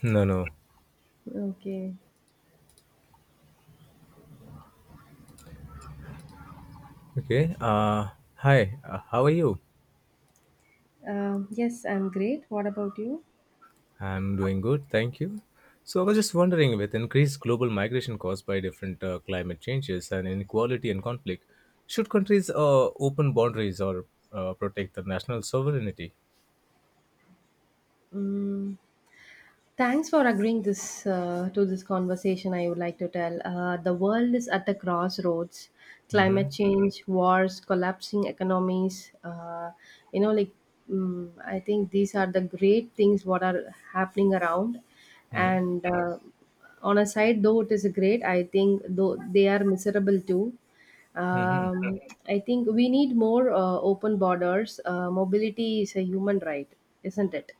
No, no. Okay. Okay. Uh, Hi. How are you? Yes, I'm great. What about you? I'm doing good, thank you. So I was just wondering, with increased global migration caused by different climate changes and inequality and conflict, should countries open boundaries or protect their national sovereignty? Mm. Thanks for agreeing this to this conversation. I would like to tell the world is at the crossroads. Climate Mm-hmm. change, wars, collapsing economies. You know, like I think these are the great things what are happening around. Mm-hmm. And on a side, though it is great, I think though they are miserable too. Mm-hmm. Um, I think we need more open borders. Mobility is a human right, isn't it?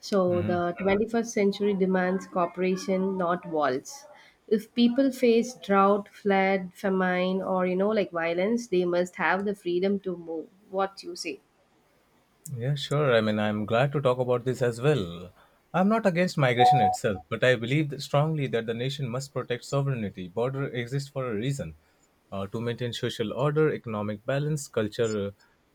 So Mm-hmm. the 21st century demands cooperation, not walls. If people face drought, flood, famine, or violence, they must have the freedom to move. What you say? Yeah, sure. I mean, I'm glad to talk about this as well. I'm not against migration itself, but I believe that strongly that the nation must protect sovereignty. Border exists for a reason, to maintain social order, economic balance, culture,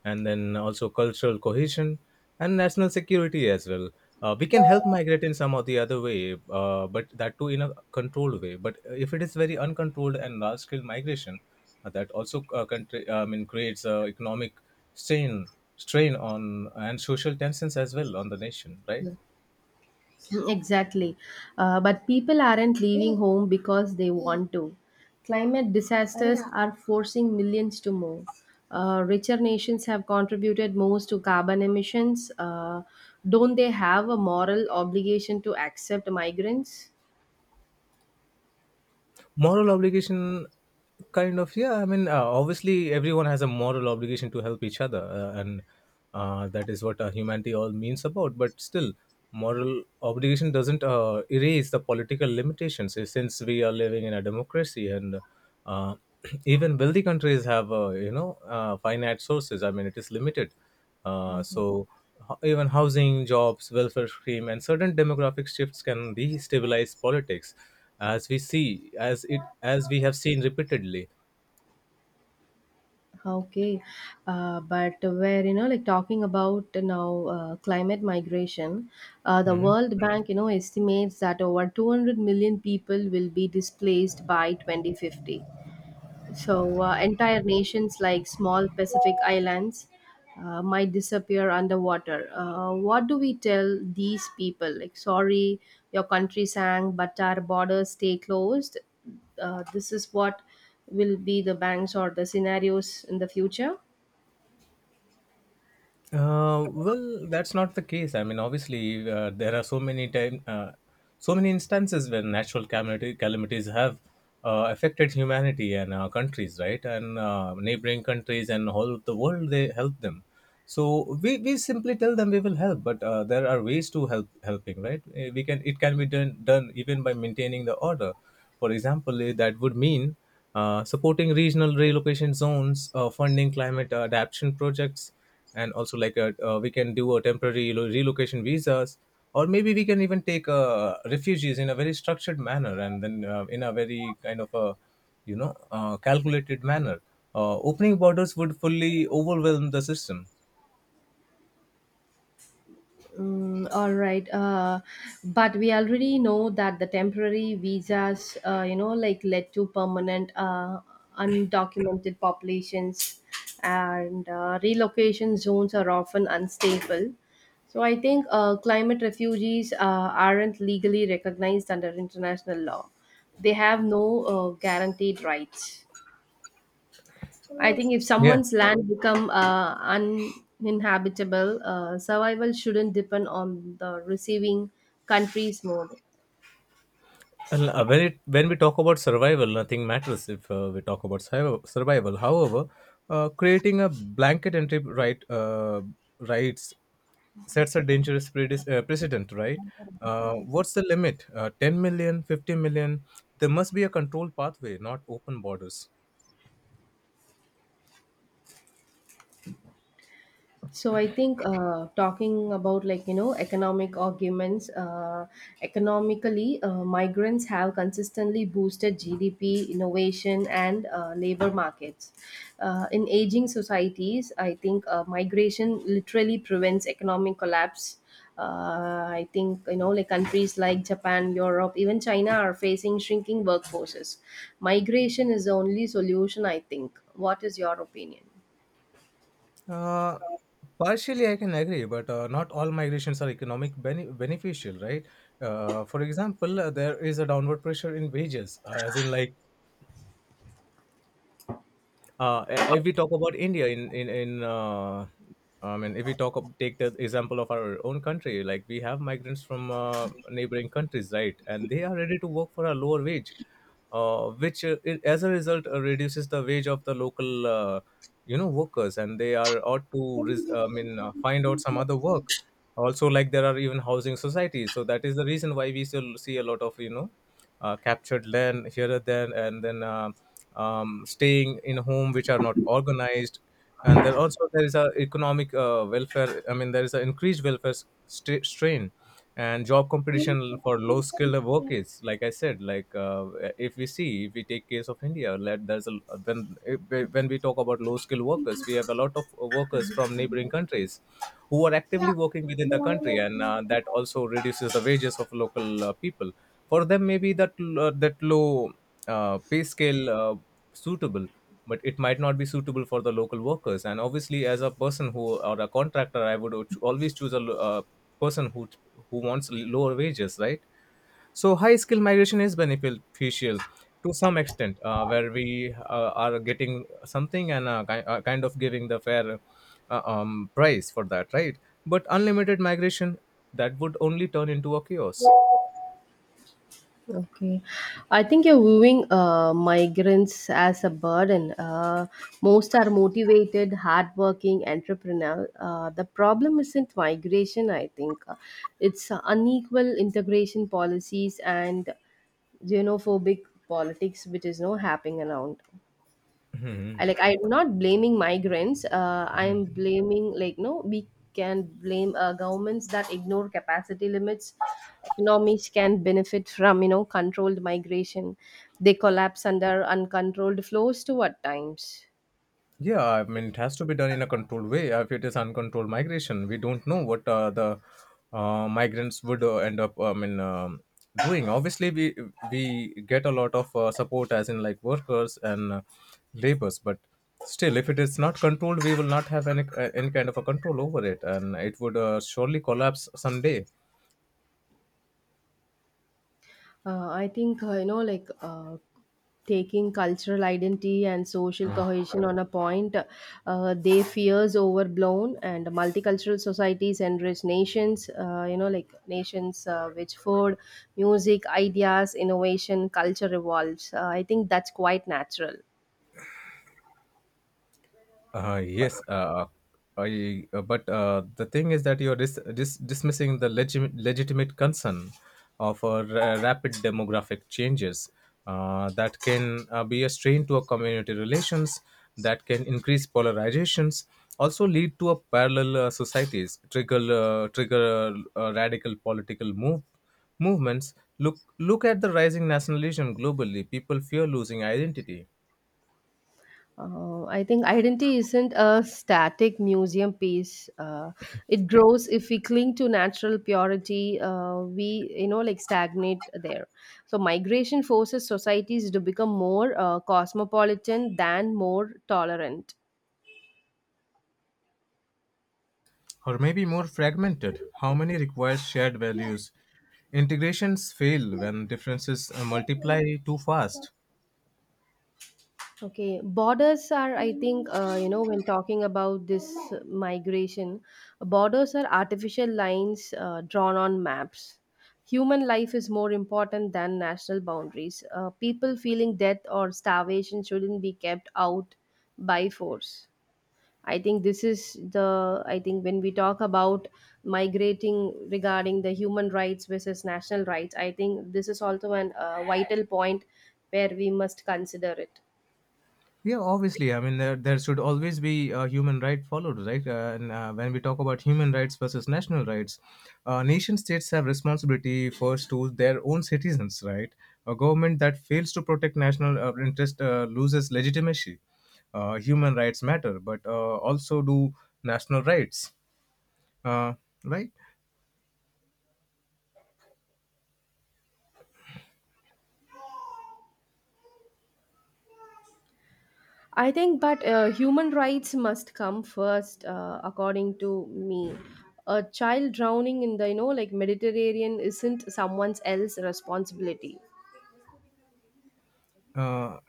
and then also cultural cohesion and national security as well. We can help migrate in some or the other way, but that too in a controlled way. But if it is very uncontrolled and large scale migration, that also country, I mean, creates economic strain, strain on and social tensions as well on the nation, right? Yeah. Exactly. But people aren't leaving home because they want to. Climate disasters are forcing millions to move. Richer nations have contributed most to carbon emissions. Don't they have a moral obligation to accept migrants? Moral obligation kind of, yeah. I mean, obviously everyone has a moral obligation to help each other, and that is what humanity all means about, but still moral obligation doesn't erase the political limitations, since we are living in a democracy, and uh, even wealthy countries have finite sources. I mean, it is limited, so even housing, jobs, welfare scheme, and certain demographic shifts can destabilize politics, as we see, as we have seen repeatedly. Okay, but where talking about now climate migration, the Mhm. World Bank you know estimates that over 200 million people will be displaced by 2050. So, entire nations like small Pacific islands might disappear underwater. What do we tell these people? Like, sorry, your country sank, but our borders stay closed. This is what will be the banks or the scenarios in the future. Well, that's not the case. I mean, obviously, there are so many time, so many instances where natural calamities have affected humanity and our countries, right? And neighboring countries and all of the world, they help them. So we simply tell them we will help, but there are ways to help helping, right? We can, it can be done even by maintaining the order. For example, that would mean supporting regional relocation zones, funding climate adaptation projects, and also like a, we can do a temporary relocation visas, or maybe we can even take refugees in a very structured manner, and then in a very kind of a calculated manner. Opening borders would fully overwhelm the system. Mm, all right. But we already know that the temporary visas, led to permanent undocumented populations, and relocation zones are often unstable. So I think climate refugees aren't legally recognized under international law. They have no guaranteed rights. I think if Yeah. someone's land become uninhabitable, survival shouldn't depend on the receiving country's mode. Well, when it when we talk about survival, nothing matters if we talk about survival. However, creating a blanket entry rights sets a dangerous precedent, right? What's the limit? 10 million, 50 million? There must be a controlled pathway, not open borders. So I think talking about economic arguments, economically, migrants have consistently boosted GDP, innovation, and labor markets. In aging societies, I think migration literally prevents economic collapse. I think countries like Japan, Europe, even China are facing shrinking workforces. Migration is the only solution, I think. What is your opinion? Uh, partially, I can agree, but not all migrations are economic beneficial, right? For example, there is a downward pressure in wages, as in like if we talk about India in I mean if we talk of, take the example of our own country, like we have migrants from neighboring countries, right? And they are ready to work for a lower wage, as a result reduces the wage of the local workers, and they are ought to I mean find out some other work. Also, like there are even housing societies, so that is the reason why we still see a lot of captured land here and then, staying in home which are not organized, and there also there is a economic welfare I mean there is an increased welfare strain and job competition for low skilled workers. Like I said, like, if we see, if we take case of India, let there's a when when we talk about low skilled workers, we have a lot of workers from neighboring countries who are actively working within the country, and that also reduces the wages of local people. For them, maybe that that low pay scale suitable, but it might not be suitable for the local workers. And obviously, as a person who, or a contractor, I would always choose a person who wants lower wages, right? So high skill migration is beneficial to some extent, where we are getting something and kind of giving the fair price for that, right? But unlimited migration, that would only turn into a chaos. Okay, I think you're viewing migrants as a burden. Most are motivated, hardworking entrepreneur. The problem isn't migration, I think. It's unequal integration policies and xenophobic politics, which is no happening around. Mhm. I like I'm not blaming migrants. I'm blaming like no, we can blame governments that ignore capacity limits. Economies can benefit from controlled migration. They collapse under uncontrolled flows too at times. Yeah, I mean, it has to be done in a controlled way. If it is uncontrolled migration, we don't know what the migrants would end up, I mean, doing. Obviously, we get a lot of support, as in like workers and laborers, but still, if it is not controlled, we will not have any kind of a control over it, and it would surely collapse someday. I think you know, like Taking cultural identity and social cohesion on a point, they fears overblown and multicultural societies and rich nations. Nations which food, music, ideas, innovation, culture evolves. I think that's quite natural. Yes, but the thing is that you're dismissing the legitimate concern of rapid demographic changes that can be a strain to a community relations, that can increase polarizations, also lead to a parallel societies, trigger radical political movements. Look at the rising nationalism globally. People fear losing identity, I think identity isn't a static museum piece. It grows if we cling to natural purity. We stagnate there. So migration forces societies to become more cosmopolitan than more tolerant. or maybe more fragmented. How many require shared values? Integrations fail when differences multiply too fast. Okay, borders are, I think, when talking about this migration, borders are artificial lines drawn on maps. Human life is more important than national boundaries. People feeling death or starvation shouldn't be kept out by force. I think this is the, I think when we talk about migrating regarding the human rights versus national rights, I think this is also an vital point where we must consider it. Yeah, obviously. I mean, there should always be a human right followed, right? And When we talk about human rights versus national rights, nation states have responsibility first to their own citizens, right? A government that fails to protect national interest loses legitimacy. Human rights matter, but also do national rights, uh, right? I think, but human rights must come first, according to me. A child drowning in the, Mediterranean isn't someone's else responsibility. Uh,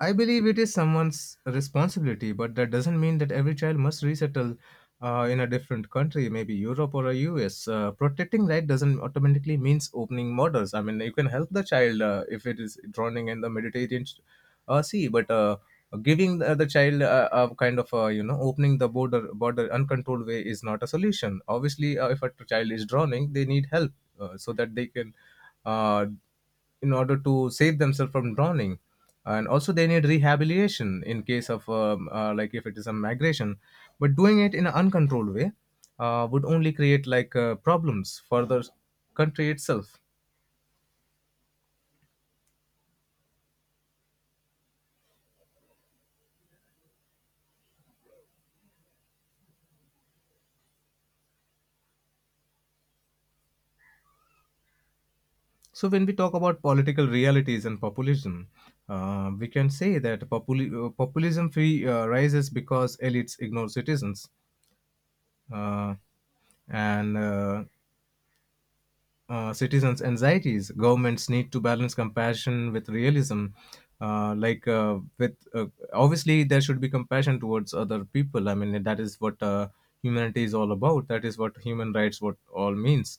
I believe it is someone's responsibility, but that doesn't mean that every child must resettle in a different country, maybe Europe or a US. Protecting right doesn't automatically means opening borders. I mean, you can help the child if it is drowning in the Mediterranean Sea, but giving the child a kind of opening the border uncontrolled way is not a solution. Obviously, if a child is drowning, they need help so that they can. Uh, in order to save themselves from drowning, and also they need rehabilitation in case of like if it is a migration, but doing it in an uncontrolled way would only create like problems for the country itself. So when we talk about political realities and populism, we can say that populism free rises because elites ignore citizens, uh, and citizens' anxieties. Governments need to balance compassion with realism. Like with Obviously there should be compassion towards other people. I mean, that is what humanity is all about. That is what human rights what all means.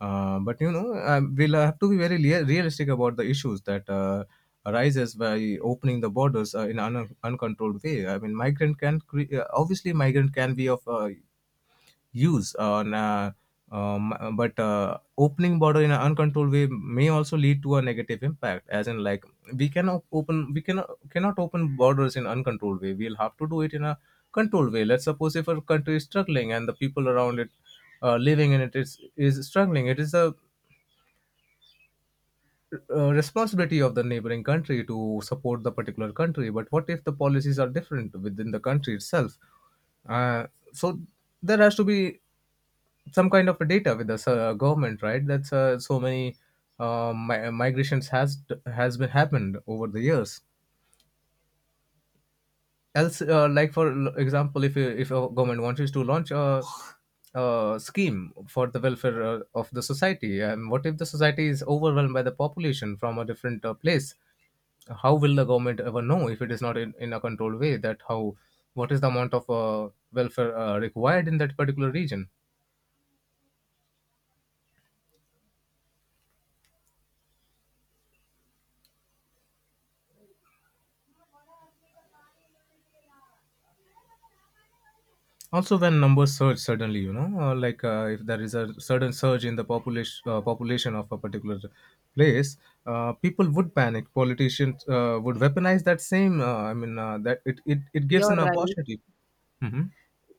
But we'll have to be very realistic about the issues that arises by opening the borders in an uncontrolled way. I mean, obviously migrant can be of use. On But opening border in an uncontrolled way may also lead to a negative impact. As in, like, we cannot open borders in uncontrolled way. We'll have to do it in a controlled way. Let's suppose if a country is struggling, and the people around it, living in it, is struggling, it is a responsibility of the neighboring country to support the particular country. But what if the policies are different within the country itself? Uh, so there has to be some kind of a data with the government, right? That's so many migrations has been happened over the years. Else, like for example, if a government wants you to launch a scheme for the welfare of the society, and what if the society is overwhelmed by the population from a different place? How will the government ever know, if it is not in a controlled way, that how what is the amount of welfare required in that particular region? Also, when numbers surge suddenly, if there is a sudden surge in the population of a particular place, people would panic, politicians would weaponize that same, that it it gives You're an right. opportunity. Mhm.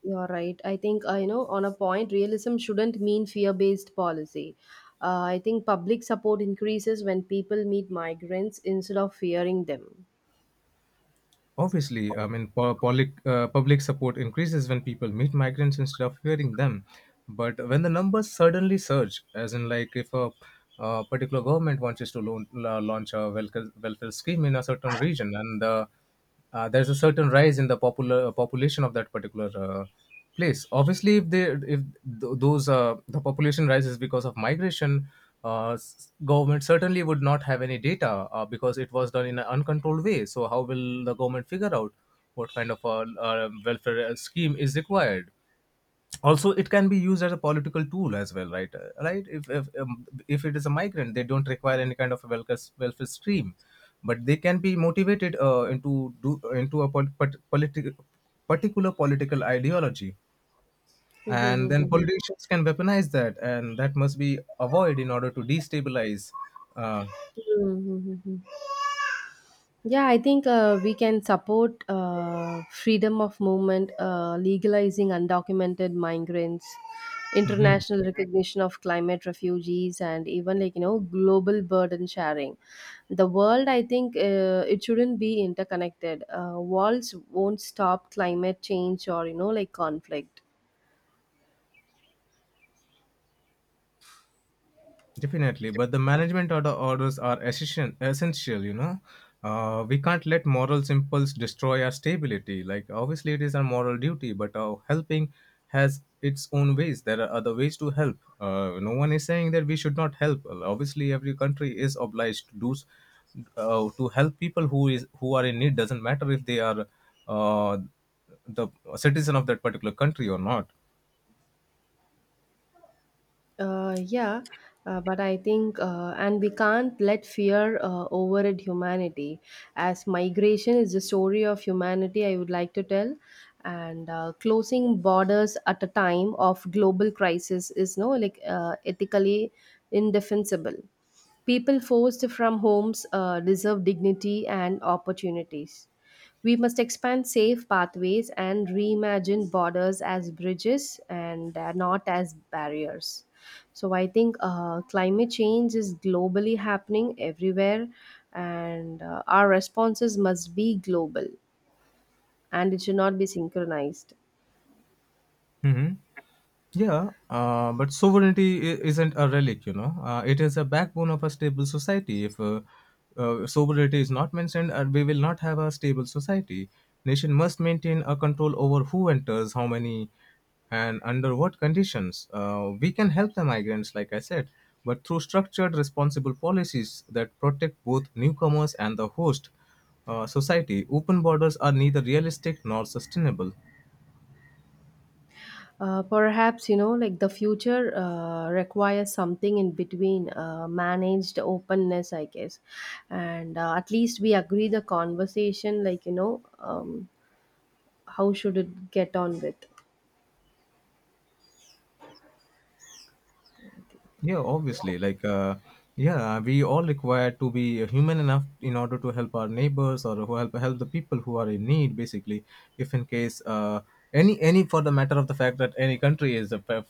You're right. I think, on a point, realism shouldn't mean fear based policy. I think public support increases when people meet migrants instead of fearing them. Obviously, I mean, public support increases when people meet migrants instead of fearing them. But when the numbers suddenly surge, as in, like, if uh, particular government wants to launch a welfare scheme in a certain region, and there's a certain rise in the popular population of that particular place. Obviously, if they if th- those the population rises because of migration, government certainly would not have any data because it was done in an uncontrolled way. So how will the government figure out what kind of a, welfare scheme is required? Also, it can be used as a political tool as well, right? If it is a migrant, they don't require any kind of a welfare scheme, but they can be motivated into a particular political ideology, and then politicians can weaponize that, and that must be avoided in order to destabilize. uh, Yeah, I think we can support freedom of movement, legalizing undocumented migrants, international recognition of climate refugees, and even global burden sharing. The world, I think, it shouldn't be interconnected. Walls won't stop climate change or conflict. Definitely, but the management orders are essential. Essential, you know, we can't let moral impulse destroy our stability. Like obviously, it is our moral duty, but helping has its own ways. There are other ways to help. No one is saying that we should not help. Well, obviously, every country is obliged to to help people who are in need. Doesn't matter if they are uh, the citizen of that particular country or not. Uh, yeah, but I think, and we can't let fear override humanity. As migration is the story of humanity, I would like to tell. And closing borders at a time of global crisis is no like ethically indefensible. People forced from homes deserve dignity and opportunities. We must expand safe pathways and reimagine borders as bridges and not as barriers. So I think climate change is globally happening everywhere, and our responses must be global and it should not be synchronized. Yeah, but sovereignty isn't a relic, you know. It is a backbone of a stable society. If Sovereignty is not mentioned, we will not have a stable society. Nation must maintain a control over who enters, how many, and under what conditions. We can help the migrants, like I said, but through structured, responsible policies that protect both newcomers and the host society. Open borders are neither realistic nor sustainable. Perhaps the future requires something in between managed openness, I guess, and at least we agree the conversation, how should it get on with Yeah, obviously. Yeah, we all require to be human enough in order to help our neighbors or who help help the people who are in need. Basically, if in case any, for the matter of the fact, that any country is uh, fa-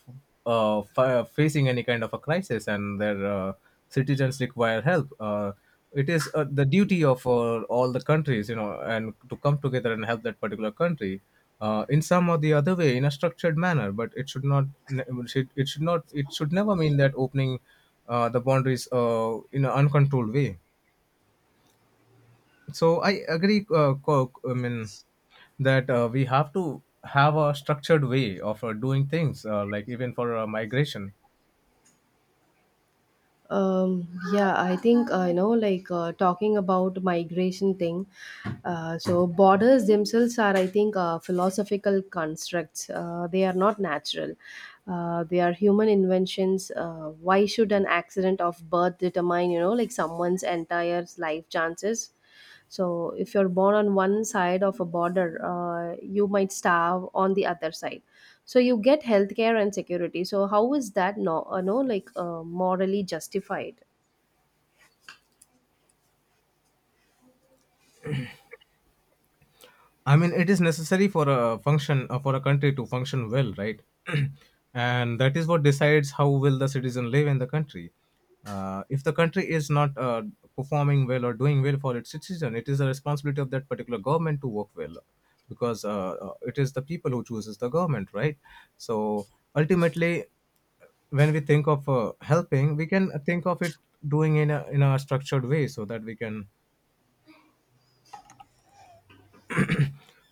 uh, fa- facing any kind of a crisis and their citizens require help. It is the duty of all the countries, you know, and to come together and help that particular country in some or the other way in a structured manner, but it should not it should, it should not it should never mean that opening the boundaries in an uncontrolled way. So I agree, I mean, that we have to have a structured way of doing things, like even for migration. um yeah, I think talking about migration thing, so borders themselves are, I think, philosophical constructs. They are not natural. They are human inventions. Why should an accident of birth determine someone's entire life chances? So if you're born on one side of a border, you might starve on the other side. So you get healthcare and security. So how is that no, no like morally justified? I mean, it is necessary for a function, for a country to function well, right? And that is what decides how will the citizen live in the country. If the country is not performing well or doing well for its citizen, it is the responsibility of that particular government to work well, because it is the people who chooses the government, right? So ultimately, when we think of helping, we can think of it doing in a structured way so that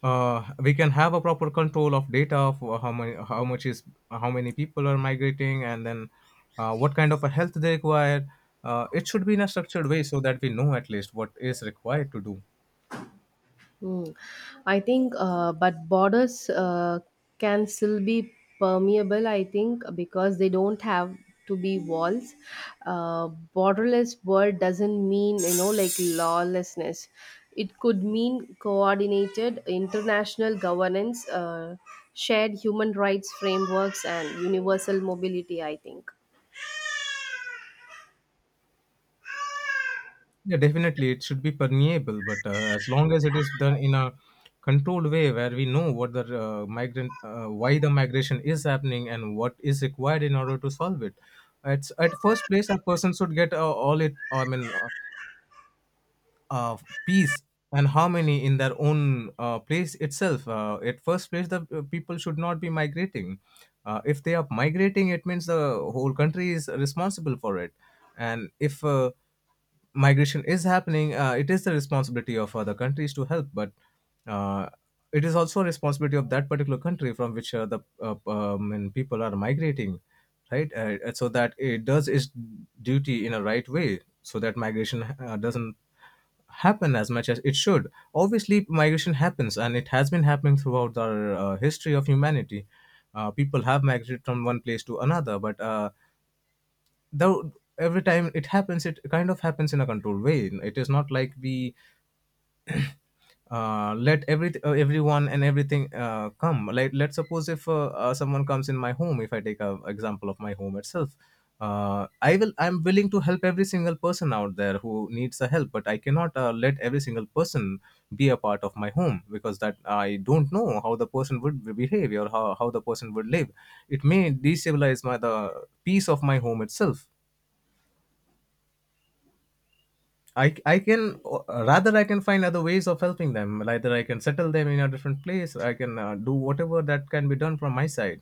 we can have a proper control of data of how many how much is how many people are migrating, and then what kind of a health they require. It should be in a structured way so that we know at least what is required to do. Mm. I think, but borders can still be permeable, I think, because they don't have to be walls. Uh, Borderless world doesn't mean, lawlessness. It could mean coordinated international governance, shared human rights frameworks, and universal mobility, I think. Yeah, definitely it should be permeable, but as long as it is done in a controlled way where we know what the migrant, why the migration is happening, and what is required in order to solve it. It's at first place a person should get all it I mean uh, peace and harmony in their own place itself. At first place, the people should not be migrating. If they are migrating, it means the whole country is responsible for it. And if migration is happening, it is the responsibility of other countries to help, but uh, it is also a responsibility of that particular country from which the and people are migrating, right? So that it does its duty in a right way, so that migration doesn't happen as much as it should. Obviously, migration happens, and it has been happening throughout the history of humanity. People have migrated from one place to another, but though every time it happens, it kind of happens in a controlled way. It is not like we let everyone and everything come. Like let's suppose if someone comes in my home, if I take a example of my home itself, I'm willing to help every single person out there who needs the help, but I cannot let every single person be a part of my home, because that I don't know how the person would behave, or how the person would live. It may destabilize my the peace of my home itself. I can, rather I can find other ways of helping them. Either I can settle them in a different place. I can do whatever that can be done from my side.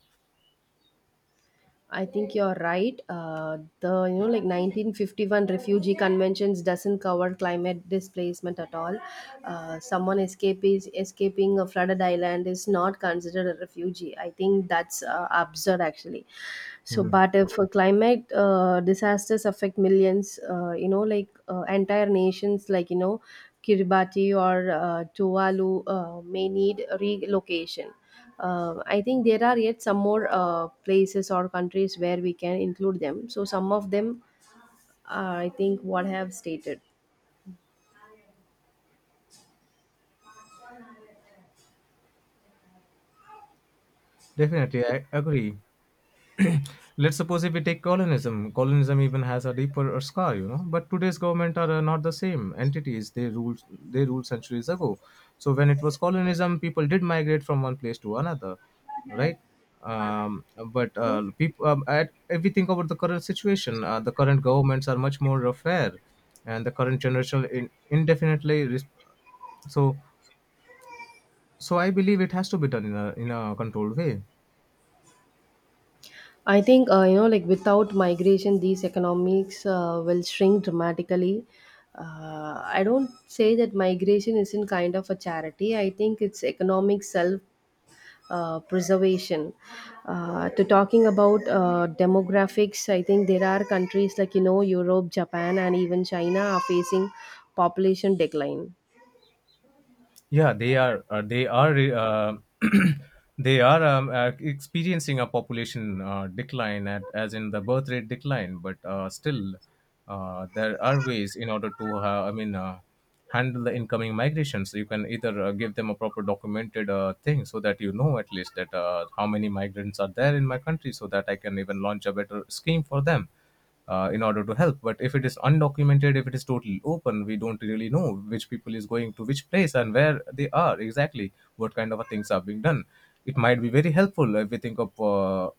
I think you're right. The you know like 1951 refugee conventions doesn't cover climate displacement at all. Someone escaping a flooded island is not considered a refugee. I think that's absurd actually. So, Mhm. but if climate disasters affect millions, entire nations, like Kiribati or Tuvalu, may need relocation. I think there are yet some more places or countries where we can include them. So some of them, I think, what I have stated. Definitely, I agree. Let's suppose if we take colonialism, even has a deeper scar, you know, but today's government are not the same entities. They ruled centuries ago. So when it was colonialism, people did migrate from one place to another, right? um, if we think about the current situation, the current governments are much more fair, and the current generation indefinitely so, so I believe it has to be done in a controlled way. I think you know, like without migration, these economics will shrink dramatically. I don't say that migration isn't kind of a charity. I think it's economic self preservation to talking about demographics. I think there are countries like Europe, Japan, and even China are facing population decline. Yeah, they are. They are. They are experiencing a population decline, as in the birth rate decline. But still, there are ways in order to, I mean, handle the incoming migration. So you can either give them a proper documented thing, so that you know at least that how many migrants are there in my country, so that I can even launch a better scheme for them in order to help. But if it is undocumented, if it is totally open, we don't really know which people is going to which place and where they are exactly, what kind of things are being done. It might be very helpful if we think of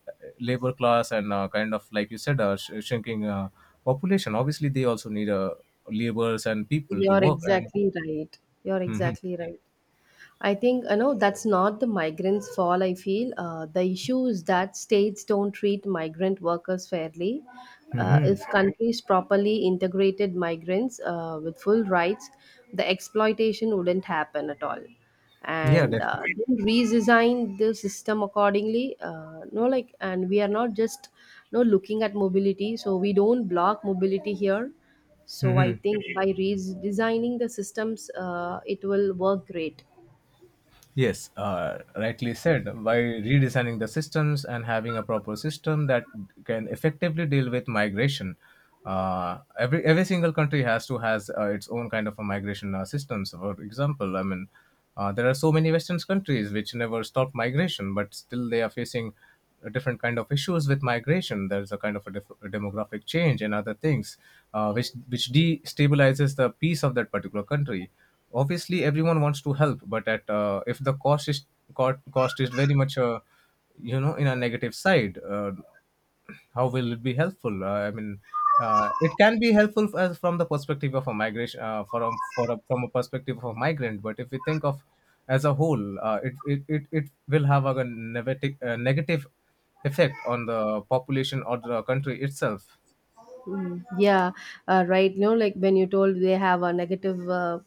labor class and kind of like you said, shrinking population. Obviously, they also need laborers and people to You're work and. exactly right. You're Hmm. exactly right. I think you know that's not the migrants' fault. I feel the issue is that states don't treat migrant workers fairly. Hmm. If countries properly integrated migrants with full rights, the exploitation wouldn't happen at all. Yeah, And definitely. Then redesign the system accordingly. No, like, and we are not just no looking at mobility. So we don't block mobility here. So I Mm-hmm. think by redesigning the systems, it will work great. Yes, rightly said. By redesigning the systems and having a proper system that can effectively deal with migration, every single country has to has its own kind of a migration systems. For example, I mean, there are so many Western countries which never stop migration, but still they are facing a different kind of issues with migration. There's a kind of a, a demographic change and other things, which destabilizes the peace of that particular country. Obviously, everyone wants to help, but at if the cost is cost is very much you know in a negative side, how will it be helpful? I mean, it can be helpful as from the perspective of a migration, from for a, from a perspective of a migrant. But if we think of as a whole, it will have a negative effect on the population or the country itself. Yeah. Right. When you told they have a negative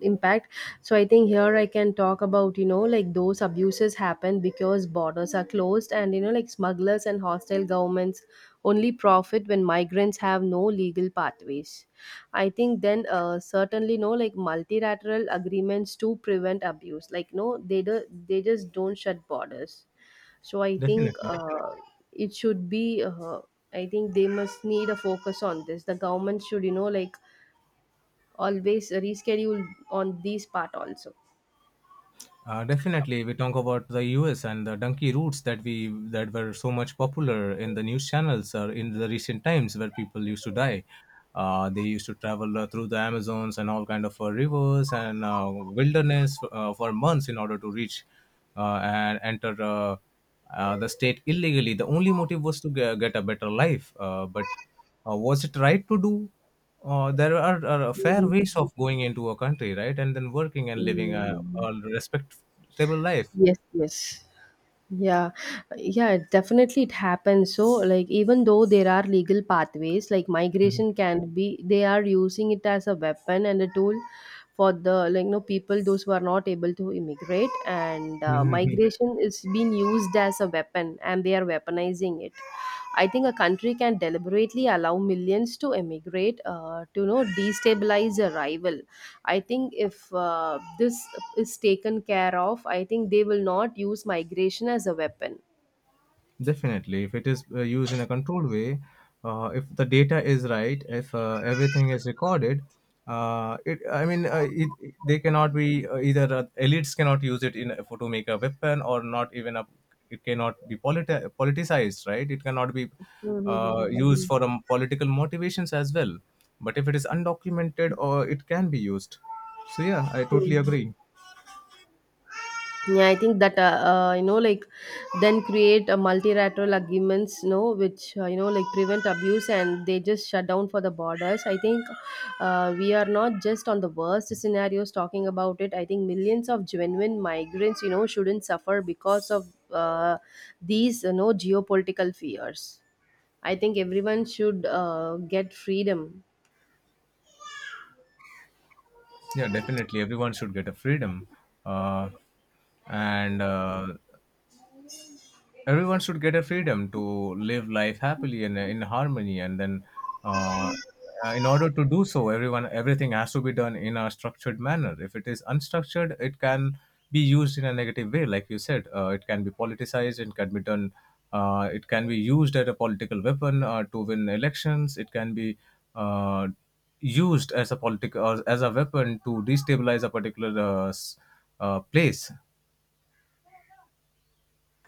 impact, so I think here I can talk about those abuses happen because borders are closed, and smugglers and hostile governments only profit when migrants have no legal pathways. I think then certainly no like multilateral agreements to prevent abuse like no they do, they just don't shut borders. So I think Definitely. It should be, I think they must need a focus on this. The government should always reschedule on this part also. Definitely, we talk about the U.S. and the donkey routes that we that were so much popular in the news channels or in the recent times, where people used to die. They used to travel through the Amazons and all kind of rivers and wilderness for months in order to reach and enter the state illegally. The only motive was to get a better life, but was it right to do? There are a fair Mm, ways mm, of going into a country, right? And then working and living mm, mm. a respectable life. Yes, yes. Yeah, yeah, it- definitely it happens. So, like, even though there are legal pathways, like migration can be, they are using it as a weapon and a tool for the, like, no people those who are not able to immigrate. And migration is being used as a weapon, and they are weaponizing it. I think a country can deliberately allow millions to emigrate to destabilize a rival. I think if this is taken care of, I think they will not use migration as a weapon. Definitely, if it is used in a controlled way, if the data is right, if everything is recorded, it. I mean, they cannot be, either elites cannot use it in for to make a weapon or not even a. It cannot be politicized, right? It cannot be used Hmm. for political motivations as well. But if it is undocumented, or it can be used. So yeah, I totally agree. Yeah, I think that then create a multilateral agreements, you know, which you know, like, prevent abuse, and they just shut down for the borders. I think we are not just on the worst scenarios talking about it. I think millions of genuine migrants, shouldn't suffer because of these, geopolitical fears. I think everyone should get freedom. Yeah, definitely, everyone should get a freedom. Uh, and Everyone should get a freedom to live life happily and in harmony, and then uh, in order to do so, everyone everything has to be done in a structured manner. If it is unstructured, it can be used in a negative way. Like you said, it can be politicized, it can be done, it can be used as a political weapon to win elections. It can be uh, used as a weapon to destabilize a particular uh, s- place.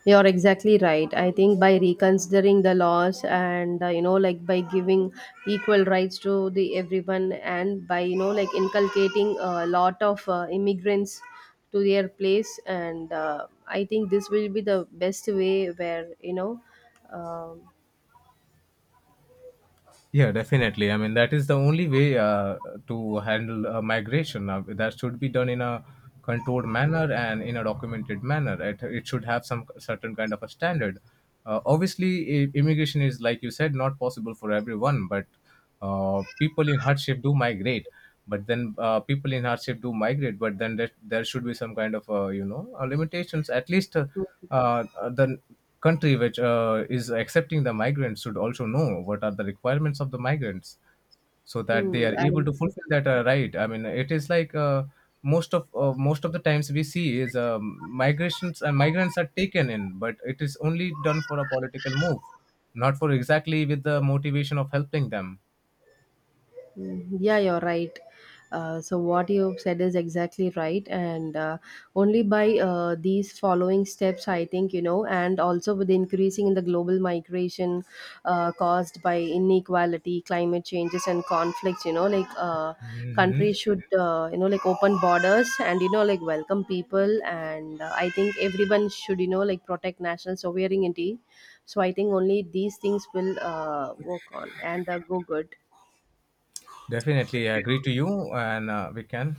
You're exactly right. I think by reconsidering the laws and by giving equal rights to the everyone and by inculcating a lot of immigrants to their place, and I think this will be the best way where um, Yeah, definitely. I mean, that is the only way to handle migration. That should be done in a controlled manner and in a documented manner. It should have some certain kind of a standard. Obviously, immigration is, like you said, not possible for everyone, but people in hardship do migrate but then people in hardship do migrate. But then there should be some kind of you know limitations, at least uh, the country which is accepting the migrants should also know what are the requirements of the migrants, so that they hmm, are able and to fulfill that, right? I mean, it is like, most of the times we see is migrations and migrants are taken in, but it is only done for a political move, not for exactly with the motivation of helping them. mm, yeah, you're right. So what you said is exactly right, and only by these following steps, I think and also with the increasing in the global migration caused by inequality, climate changes, and conflicts, Mhm. countries should open borders and welcome people, and I think everyone should protect national sovereignty. So I think only these things will work on and go good. Definitely, I agree to you, and we can.